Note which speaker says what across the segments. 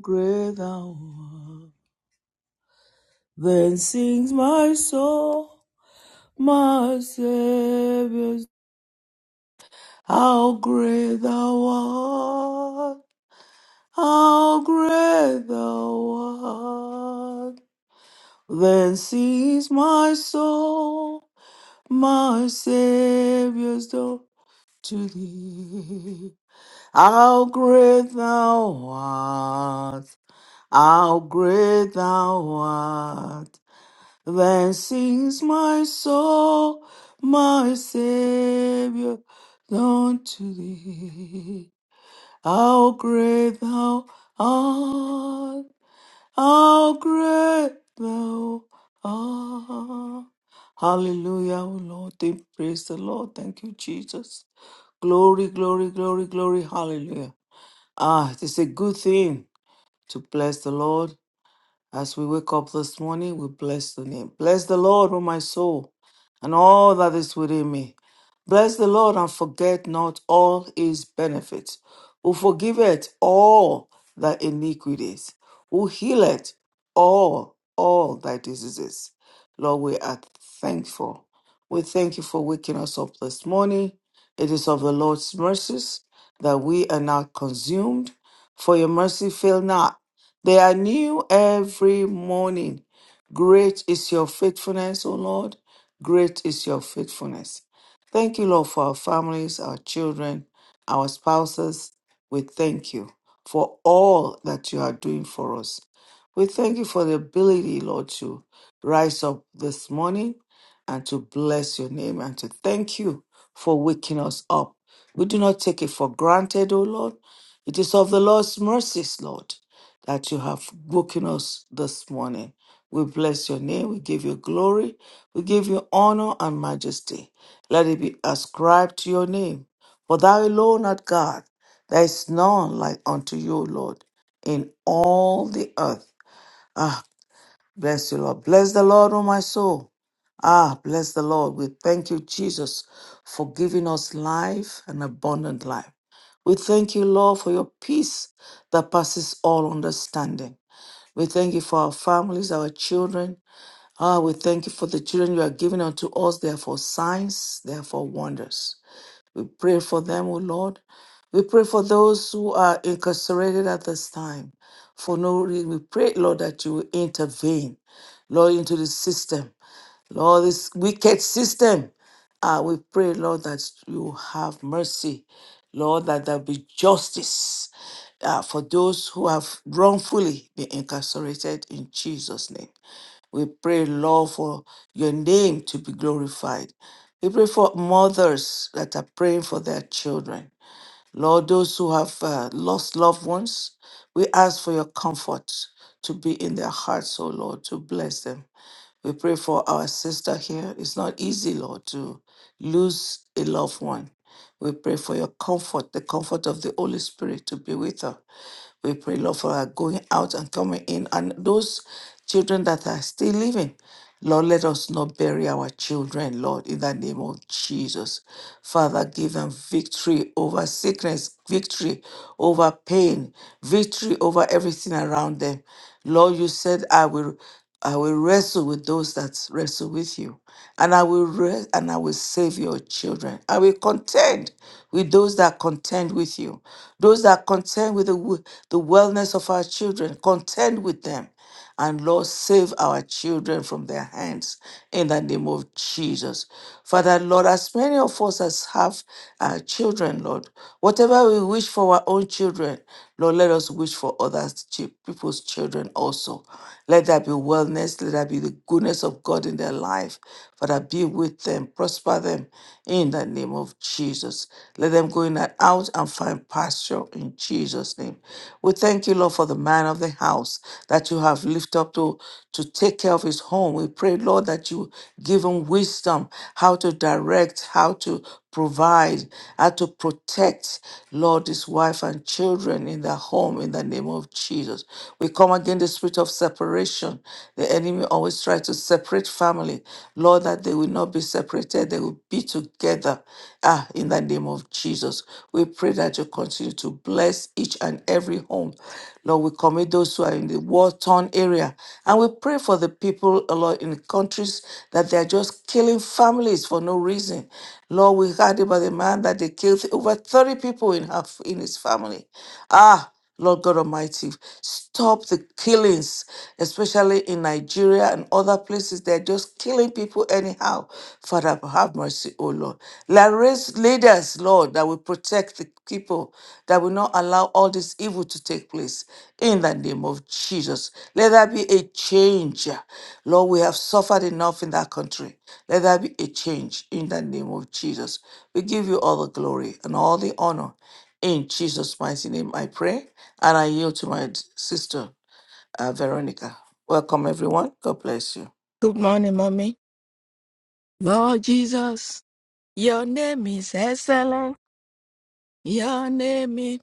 Speaker 1: great thou art. Then sings my soul, my Savior, how great thou art, how great thou art. Then sings my soul, my Savior's door to thee. How great thou art, how great thou art. Then sings my soul, my Savior, unto thee. How great thou art! How great thou art! Hallelujah, O Lord. Thank, praise the Lord. Thank you, Jesus. Glory, glory, glory, glory. Hallelujah. Ah, it's a good thing to bless the Lord as we wake up this morning, we bless the name. Bless the Lord, O my soul, and all that is within me. Bless the Lord and forget not all his benefits, who forgiveth all thy iniquities, who healeth all, all thy diseases. Lord, we are thankful. We thank you for waking us up this morning. It is of the Lord's mercies that we are not consumed, for your mercy fail not. They are new every morning. Great is your faithfulness, O Lord. Great is your faithfulness. Thank you, Lord, for our families, our children, our spouses. We thank you for all that you are doing for us. We thank you for the ability, Lord, to rise up this morning and to bless your name and to thank you for waking us up. We do not take it for granted, O Lord. It is of the Lord's mercies, Lord that you have woken us this morning. We bless your name. We give you glory. We give you honor and majesty. Let it be ascribed to your name. For thou alone art God. There is none like unto you, Lord, in all the earth. Ah, bless you, Lord. Bless the Lord, O my soul. Ah, bless the Lord. We thank you, Jesus, for giving us life and abundant life. We thank you, Lord, for your peace that passes all understanding. We thank you for our families, our children. Ah, we thank you for the children you are giving unto us. They are for signs, they are for wonders. We pray for them, O Lord. We pray for those who are incarcerated at this time. For no reason, we pray, Lord, that you will intervene, Lord, into the system. Lord, this wicked system, uh, we pray, Lord, that you have mercy. Lord, that there be justice uh, for those who have wrongfully been incarcerated in Jesus' name. We pray, Lord, for your name to be glorified. We pray for mothers that are praying for their children. Lord, those who have uh, lost loved ones, we ask for your comfort to be in their hearts, oh Lord, to bless them. We pray for our sister here. It's not easy, Lord, to lose a loved one. We pray for your comfort, the comfort of the Holy Spirit to be with her. We pray, Lord, for her going out and coming in. And those children that are still living, Lord, let us not bury our children, Lord, in the name of Jesus. Father, give them victory over sickness, victory over pain, victory over everything around them. Lord, you said, I will. I will wrestle with those that wrestle with you, and I will re- and I will save your children. I will contend with those that contend with you, those that contend with the w- the wellness of our children. Contend with them, and Lord, save our children from their hands in the name of Jesus. Father, Lord, as many of us as have uh, children, Lord, whatever we wish for our own children. Lord, let us wish for others, chi- people's children also. Let there be wellness, let there be the goodness of God in their life. Father, be with them, prosper them in the name of Jesus. Let them go in and out and find pasture in Jesus' name. We thank you, Lord, for the man of the house that you have lifted up to, to take care of his home. We pray, Lord, that you give him wisdom, how to direct, how to provide, how to protect, Lord, his wife and children in their home in the name of Jesus. We come against the spirit of separation. The enemy always tries to separate family. Lord, that they will not be separated, they will be together. Ah, in the name of Jesus. We pray that you continue to bless each and every home. Lord, we commit those who are in the war torn area. And we pray for the people, uh, Lord, in the countries that they are just killing families for no reason. Lord, we heard about the man that they killed over 30 people in, her, in his family. Ah, Lord God Almighty, stop the killings, especially in Nigeria and other places. They're just killing people anyhow. Father, have mercy, O Lord. Let raise leaders, Lord, that will protect the people, that will not allow all this evil to take place. In the name of Jesus, let there be a change. Lord, we have suffered enough in that country. Let there be a change in the name of Jesus. We give you all the glory and all the honor. In Jesus' mighty name, I pray. And I yield to my sister, uh, Veronica. Welcome, everyone. God bless you.
Speaker 2: Good morning, mommy. Lord Jesus, your name is excellent. Your name is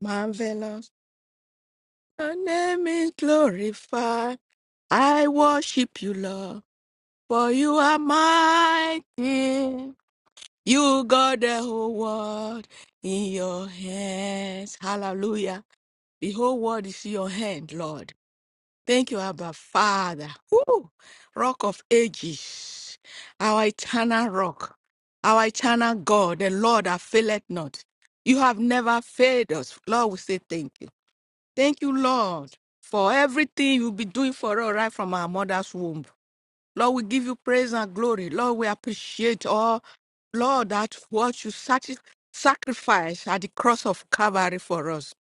Speaker 2: marvelous. Your name is glorified. I worship you, Lord, for you are mighty. You got the whole world in your hands. Hallelujah. The whole world is in your hand, Lord. Thank you, Abba Father. Woo! Rock of ages, our eternal rock, our eternal God, the Lord that faileth not. You have never failed us. Lord, we say thank you. Thank you, Lord, for everything you'll be doing for us right from our mother's womb. Lord, we give you praise and glory. Lord, we appreciate all, Lord, that what you sac- sacrificed at the cross of Calvary for us.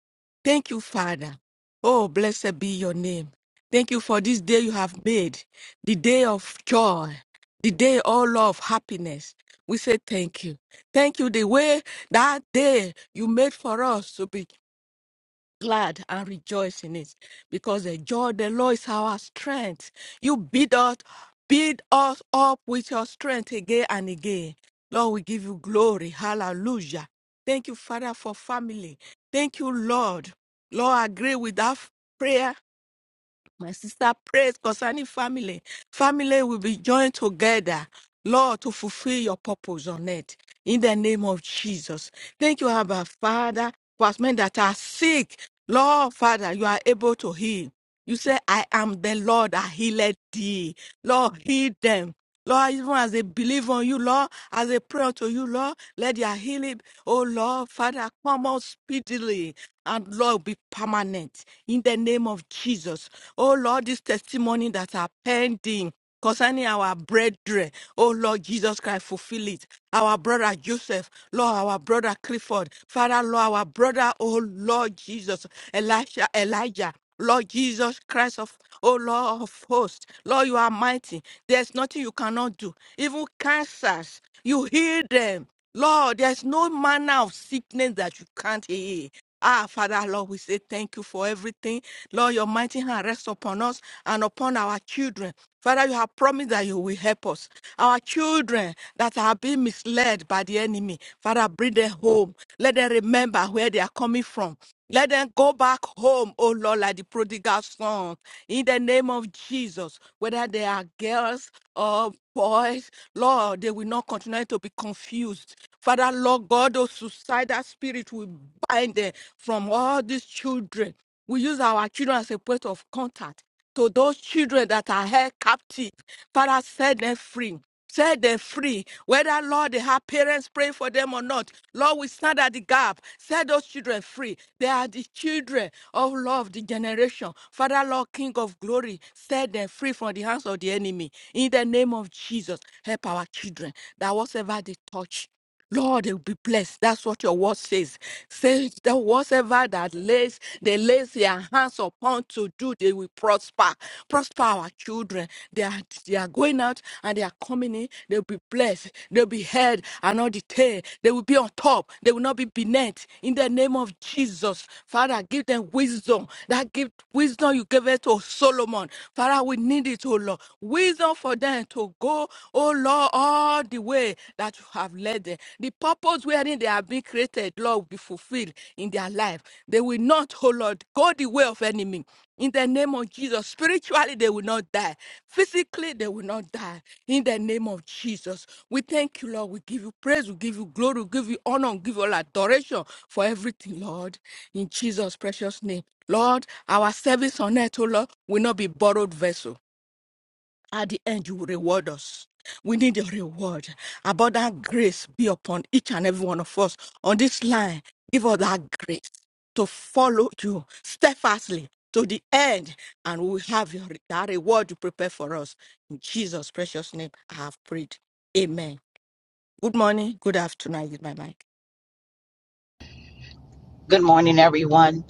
Speaker 2: Thank you, Father. Oh, blessed be your name. Thank you for this day you have made, the day of joy, the day, oh Lord, of happiness. We say thank you. Thank you the way that day you made for us to be glad and rejoice in it because the joy of the Lord is our strength. You build us, build us up with your strength again and again. Lord, we give you glory. Hallelujah. Thank you, Father, for family. Thank you, Lord. Lord, I agree with that prayer my sister prays concerning family. Family will be joined together, Lord, to fulfill your purpose on earth. In the name of Jesus. Thank you, Abba Father, for us men that are sick. Lord, Father, you are able to heal. You say, I am the Lord that healed thee. Lord, heal them. Lord, even as they believe on you, Lord, as they pray unto you, Lord, let their healing, oh Lord, Father, come out speedily and Lord be permanent in the name of Jesus. Oh Lord, this testimony that are pending. Concerning our brethren, oh Lord Jesus Christ, fulfill it. Our brother Joseph, Lord, our brother Clifford, Father, Lord, our brother, oh Lord Jesus, Elisha, Elijah. Lord Jesus Christ of oh Lord of hosts, Lord, you are mighty. There's nothing you cannot do. Even cancers, you heal them. Lord, there's no manner of sickness that you can't heal. Ah, Father, Lord, we say thank you for everything. Lord, your mighty hand rests upon us and upon our children. Father, you have promised that you will help us. Our children that are being misled by the enemy, Father, bring them home. Let them remember where they are coming from. Let them go back home, oh Lord, like the prodigal son. In the name of Jesus, whether they are girls or. Boys, Lord, they will not continue to be confused. Father, Lord God, those suicidal spirit will bind them from all these children. We use our children as a point of contact to those children that are held captive. Father, set them free. Set them free. Whether, Lord, they have parents praying for them or not, Lord, we stand at the gap. Set those children free. They are the children of love, the generation. Father, Lord, King of glory, set them free from the hands of the enemy. In the name of Jesus, help our children that whatever they touch. Lord, you'll be blessed. That's what your word says. Says that whatever that lays, they lays their hands upon to do, they will prosper. Prosper our children. They are, they are going out and they are coming in. They'll be blessed. They'll be head and not the tail. They will be on top. They will not be beneath. In the name of Jesus, Father, give them wisdom. That gift, wisdom you gave it to Solomon. Father, we need it, oh Lord. Wisdom for them to go. Oh Lord, all the way that you have led them, the purpose wherein they have been created, Lord, will be fulfilled in their life. They will not, oh Lord, go the way of enemy. In the name of Jesus, spiritually they will not die. Physically they will not die. In the name of Jesus, we thank you, Lord. We give you praise, we give you glory, we give you honor, we give you all adoration for everything, Lord. In Jesus' precious name, Lord, our service on earth, oh Lord, will not be borrowed vessel. At the end, you will reward us. We need a reward. Abundant grace be upon each and every one of us on this line. Give us that grace to follow you steadfastly to the end, and we will have your, that reward you prepare for us. In Jesus' precious name, I have prayed. Amen. Good morning. Good afternoon. Is my mic.
Speaker 3: Good morning, everyone.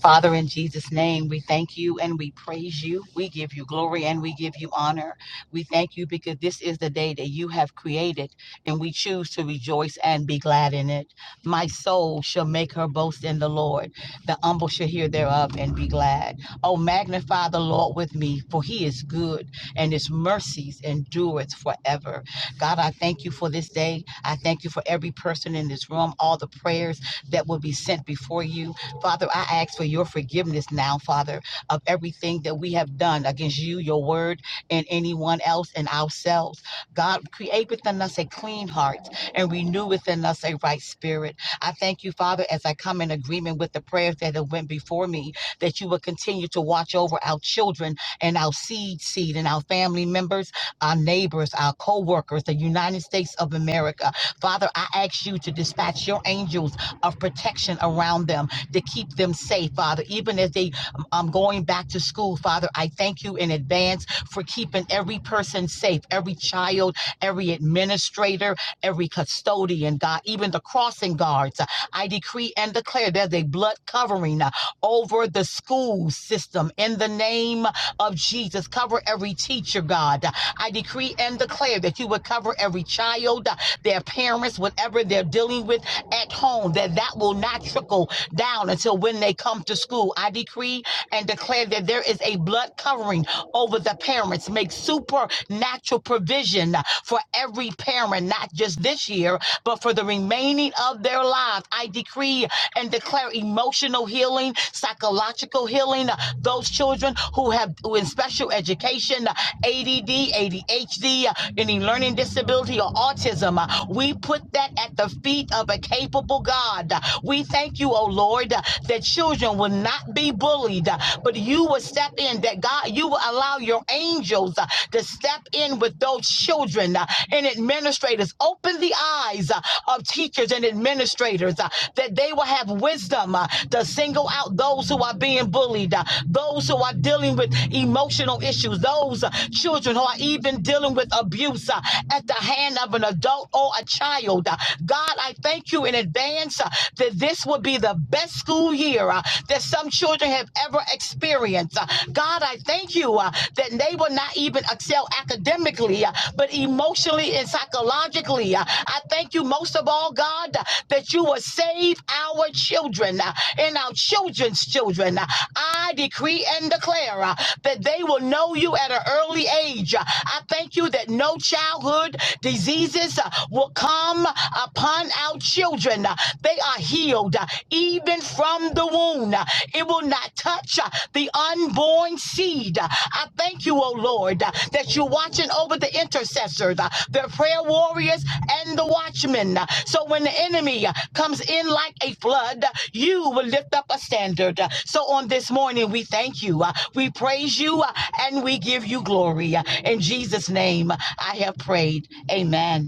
Speaker 3: Father, in Jesus' name, we thank you and we praise you. We give you glory and we give you honor. We thank you because this is the day that you have created, and we choose to rejoice and be glad in it. My soul shall make her boast in the Lord. The humble shall hear thereof and be glad. Oh, magnify the Lord with me, for he is good, and his mercies endureth forever. God, I thank you for this day. I thank you for every person in this room, all the prayers that will be sent before you. Father, I ask for your forgiveness now, Father, of everything that we have done against you, your word, and anyone else and ourselves. God, create within us a clean heart and renew within us a right spirit. I thank you, Father, as I come in agreement with the prayers that have went before me, that you will continue to watch over our children and our seed seed and our family members, our neighbors, our co-workers, the United States of America. Father, I ask you to dispatch your angels of protection around them to keep them safe, Father, even as they um, going back to school, Father. I thank you in advance for keeping every person safe, every child, every administrator, every custodian, God, even the crossing guards. I decree and declare there's a blood covering uh, over the school system in the name of Jesus. Cover every teacher, God. I decree and declare that you would cover every child, their parents, whatever they're dealing with at home, that that will not trickle down until when they come to school. I decree and declare that there is a blood covering over the parents. Make supernatural provision for every parent, not just this year, but for the remaining of their lives. I decree and declare and declare emotional healing, psychological healing. uh, Those children who have who in special education, uh, ADD, ADHD, uh, any learning disability or autism, uh, we put that at the feet of a capable God. Uh, We thank you, oh Lord, uh, that children will not be bullied, uh, but you will step in, that God, you will allow your angels uh, to step in with those children uh, and administer administrators. Open the eyes uh, of teachers and administrators uh, that they will have wisdom uh, to single out those who are being bullied, uh, those who are dealing with emotional issues, those uh, children who are even dealing with abuse uh, at the hand of an adult or a child. Uh, God, I thank you in advance uh, that this will be the best school year uh, that some children have ever experienced. Uh, God, I thank you thank you uh, that they will not even excel academically, uh, but emotionally and psychologically. uh, I thank you most of all, God, uh, that you will save our children uh, and our children's children. Uh, I decree and declare uh, that they will know you at an early age. Uh, I thank you that no childhood diseases uh, will come upon our children. Uh, They are healed uh, even even from the womb. Uh, It will not touch uh, the unborn seed. Uh, I thank you, O Lord, uh, that you're watching over the intercessors, uh, the prayer warriors, and the watchmen. Uh, So when the enemy uh, comes in like a flood, uh, you will lift up a standard. Uh, So on this morning, we thank you. Uh, We praise you uh, and we give you glory. Uh, In Jesus' name, I have prayed. Amen.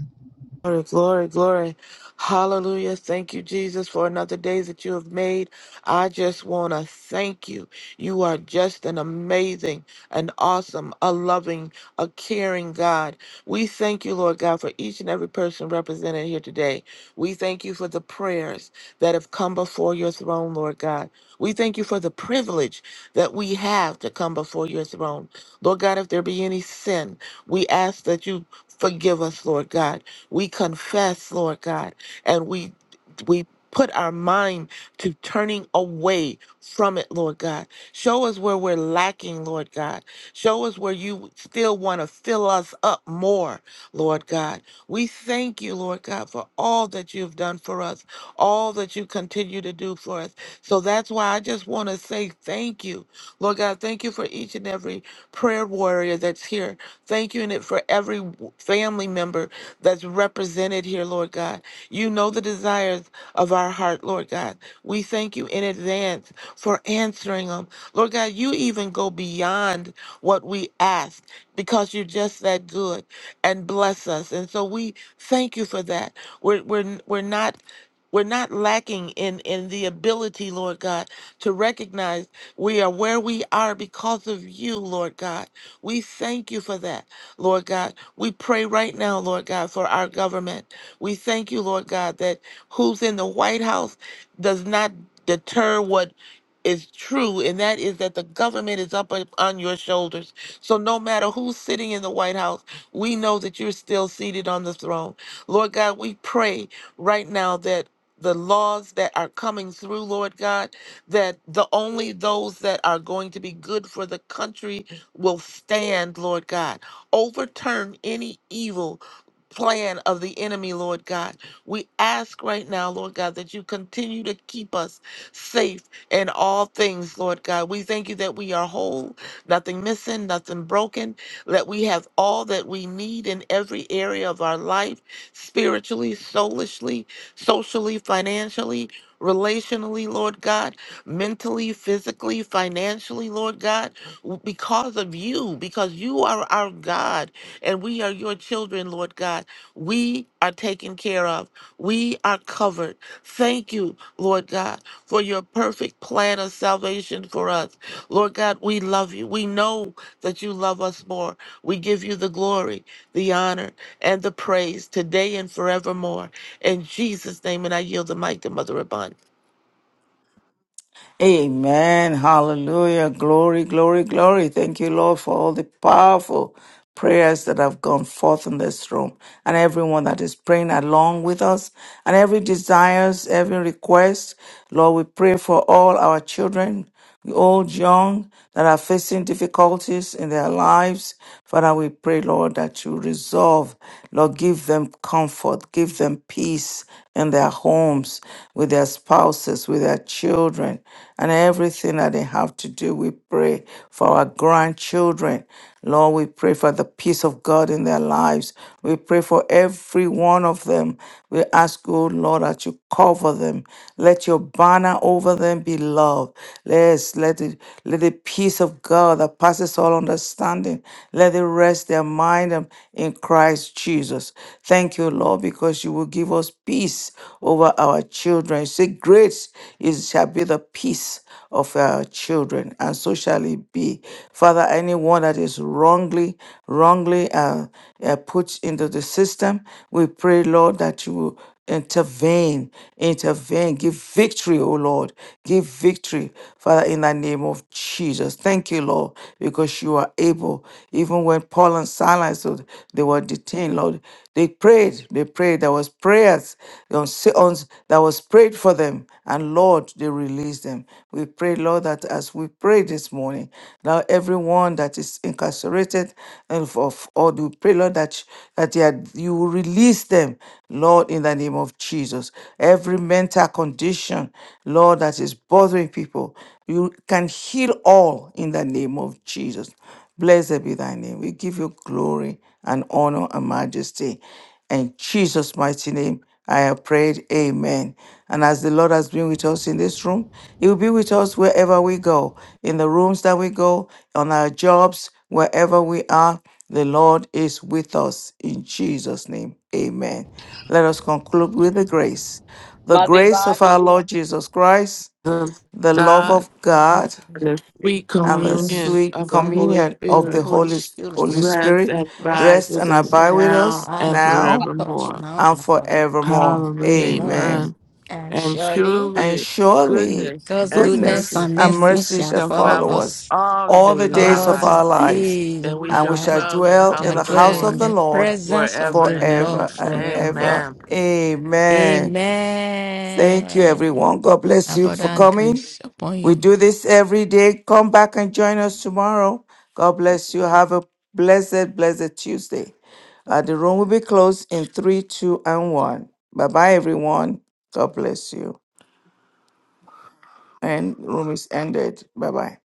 Speaker 4: Glory, glory, glory. Hallelujah. Thank you, Jesus, for another day that you have made. I just want to thank you. You are just an amazing, an awesome, a loving, a caring God. We thank you, Lord God, for each and every person represented here today. We thank you for the prayers that have come before your throne, Lord God. We thank you for the privilege that we have to come before your throne. Lord God, if there be any sin, we ask that you forgive us, Lord God. We confess, Lord God, and we we put our mind to turning away from it, Lord God. Show us where we're lacking, Lord God. Show us where you still want to fill us up more, Lord God. We thank you, Lord God, for all that you've done for us, all that you continue to do for us. So that's why I just want to say thank you, Lord God. Thank you for each and every prayer warrior that's here. Thank you in it for every w- family member that's represented here, Lord God. You know the desires of our heart, Lord God. We thank you in advance for answering them. Lord God, you even go beyond what we ask because you're just that good and bless us. And so we thank you for that. We're, we're, we're not we're not lacking in in the ability lord god to recognize we are where we are because of you lord god we thank you for that Lord God. We pray right now, Lord God, for our government. We thank you, Lord God, that who's in the White House does not deter what is true, and that is that the government is up on your shoulders. So no matter who's sitting in the White House, we know that you're still seated on the throne. Lord God, we pray right now that the laws that are coming through, Lord God, that the only those that are going to be good for the country will stand, Lord God. Overturn any evil plan of the enemy, Lord God. We ask right now, Lord God, that you continue to keep us safe in all things, Lord God. We thank you that we are whole, nothing missing, nothing broken, that we have all that we need in every area of our life, spiritually, soulishly, socially, financially, relationally, Lord God, mentally, physically, financially, Lord God because of you, because you are our God and we are your children, Lord God. We are taken care of. We are covered. Thank you, Lord God, for your perfect plan of salvation for us. Lord God, we love you. We know that you love us more. We give you the glory, the honor, and the praise today and forevermore. In Jesus' name, and I yield the mic to Mother Abund.
Speaker 1: Amen. Hallelujah. Glory, glory, glory. Thank you, Lord, for all the powerful prayers that have gone forth in this room and everyone that is praying along with us and every desires, every request. Lord, we pray for all our children. We old, young, that are facing difficulties in their lives. Father, we pray, Lord, that you resolve. Lord, give them comfort, give them peace in their homes, with their spouses, with their children, and everything that they have to do. We pray for our grandchildren. Lord, we pray for the peace of God in their lives. We pray for every one of them. We ask, oh Lord, that you cover them. Let your banner over them be love. Let's let it let the peace of God that passes all understanding let it rest their mind um, in Christ Jesus. Thank you, Lord, because you will give us peace over our children. You say, Great is shall be the peace of our children, and so shall it be. Father, anyone that is wrongly, wrongly uh, uh, put into the system, we pray, Lord, that you will Intervene, intervene, give victory, oh Lord. Give victory, Father, in the name of Jesus. Thank you, Lord, because you are able. Even when Paul and Silas, oh, they were detained, Lord, they prayed. They prayed. There was prayers on, si, on, that was prayed for them. And Lord, they released them. We pray, Lord, that as we pray, pray this morning. Now, everyone that is incarcerated and for for all the pray, Lord, that, that you, had- you will release them, Lord, in the name of Jesus. Every mental condition, Lord, that is bothering people, you can heal all in the name of Jesus. Blessed be thy name. We give you glory and honor and majesty. In Jesus' mighty name, I have prayed. Amen. And as the Lord has been with us in this room, He will be with us wherever we go, in the rooms that we go, on our jobs, wherever we are. The Lord is with us in Jesus' name. Amen. Let us conclude with the grace. The
Speaker 3: Mother
Speaker 1: grace
Speaker 3: Yvonne.
Speaker 1: of our Lord Jesus Christ,
Speaker 4: The
Speaker 1: the love
Speaker 4: God,
Speaker 1: of
Speaker 2: And
Speaker 1: God,
Speaker 2: in
Speaker 4: the free
Speaker 1: and the
Speaker 4: communion
Speaker 1: sweet
Speaker 2: sweet
Speaker 4: of the Holy
Speaker 2: Fellowship
Speaker 1: communion
Speaker 2: of
Speaker 1: of
Speaker 2: the
Speaker 4: Spirit
Speaker 1: the
Speaker 2: Holy
Speaker 1: Holy, Holy
Speaker 2: Spirit,
Speaker 4: Rest and
Speaker 1: Spirit
Speaker 4: abide
Speaker 2: rest
Speaker 1: rest
Speaker 4: with
Speaker 1: and
Speaker 4: us
Speaker 1: abide with
Speaker 2: and
Speaker 4: now
Speaker 1: us
Speaker 4: and
Speaker 2: abide with
Speaker 1: now
Speaker 2: us
Speaker 4: forevermore.
Speaker 2: now
Speaker 1: and
Speaker 2: and forever.
Speaker 1: forevermore.
Speaker 4: Hallelujah.
Speaker 1: Amen
Speaker 2: Amen.
Speaker 4: Amen.
Speaker 2: And
Speaker 4: And
Speaker 2: surely
Speaker 1: and
Speaker 4: surely
Speaker 1: surely
Speaker 4: goodness
Speaker 2: God's
Speaker 4: and
Speaker 2: goodness
Speaker 1: goodness
Speaker 4: mercy
Speaker 2: and
Speaker 1: and
Speaker 2: mercy
Speaker 1: mercy
Speaker 2: shall
Speaker 1: shall
Speaker 4: shall
Speaker 2: follow
Speaker 1: follow
Speaker 4: follow us
Speaker 1: us
Speaker 2: us
Speaker 4: all the
Speaker 1: all the
Speaker 4: days of our
Speaker 1: days
Speaker 2: all
Speaker 1: of
Speaker 4: life,
Speaker 2: the
Speaker 1: our lives,
Speaker 2: days
Speaker 4: and
Speaker 2: of
Speaker 4: we
Speaker 2: our
Speaker 1: and
Speaker 4: shall
Speaker 1: we shall
Speaker 2: lives.
Speaker 4: dwell
Speaker 2: We
Speaker 4: in the
Speaker 1: dwell
Speaker 4: house
Speaker 1: in
Speaker 2: shall
Speaker 1: the
Speaker 4: of the
Speaker 2: dwell
Speaker 1: house
Speaker 4: Lord
Speaker 1: of
Speaker 2: in
Speaker 1: the
Speaker 2: the
Speaker 1: Lord
Speaker 2: presence of
Speaker 4: forever
Speaker 2: the
Speaker 4: and
Speaker 2: Lord
Speaker 1: forever
Speaker 4: ever.
Speaker 1: and
Speaker 2: forever.
Speaker 1: ever.
Speaker 4: Amen.
Speaker 1: Amen. Thank you,
Speaker 2: Amen.
Speaker 1: everyone. God bless you for
Speaker 2: Abundant
Speaker 1: coming.
Speaker 2: grace upon you.
Speaker 1: We do this every day. Come back and join us tomorrow. God bless you. Have a blessed, blessed Tuesday. Uh, the room will be closed in three, two, and one. Bye bye, everyone. God bless you. And room is ended. Bye bye.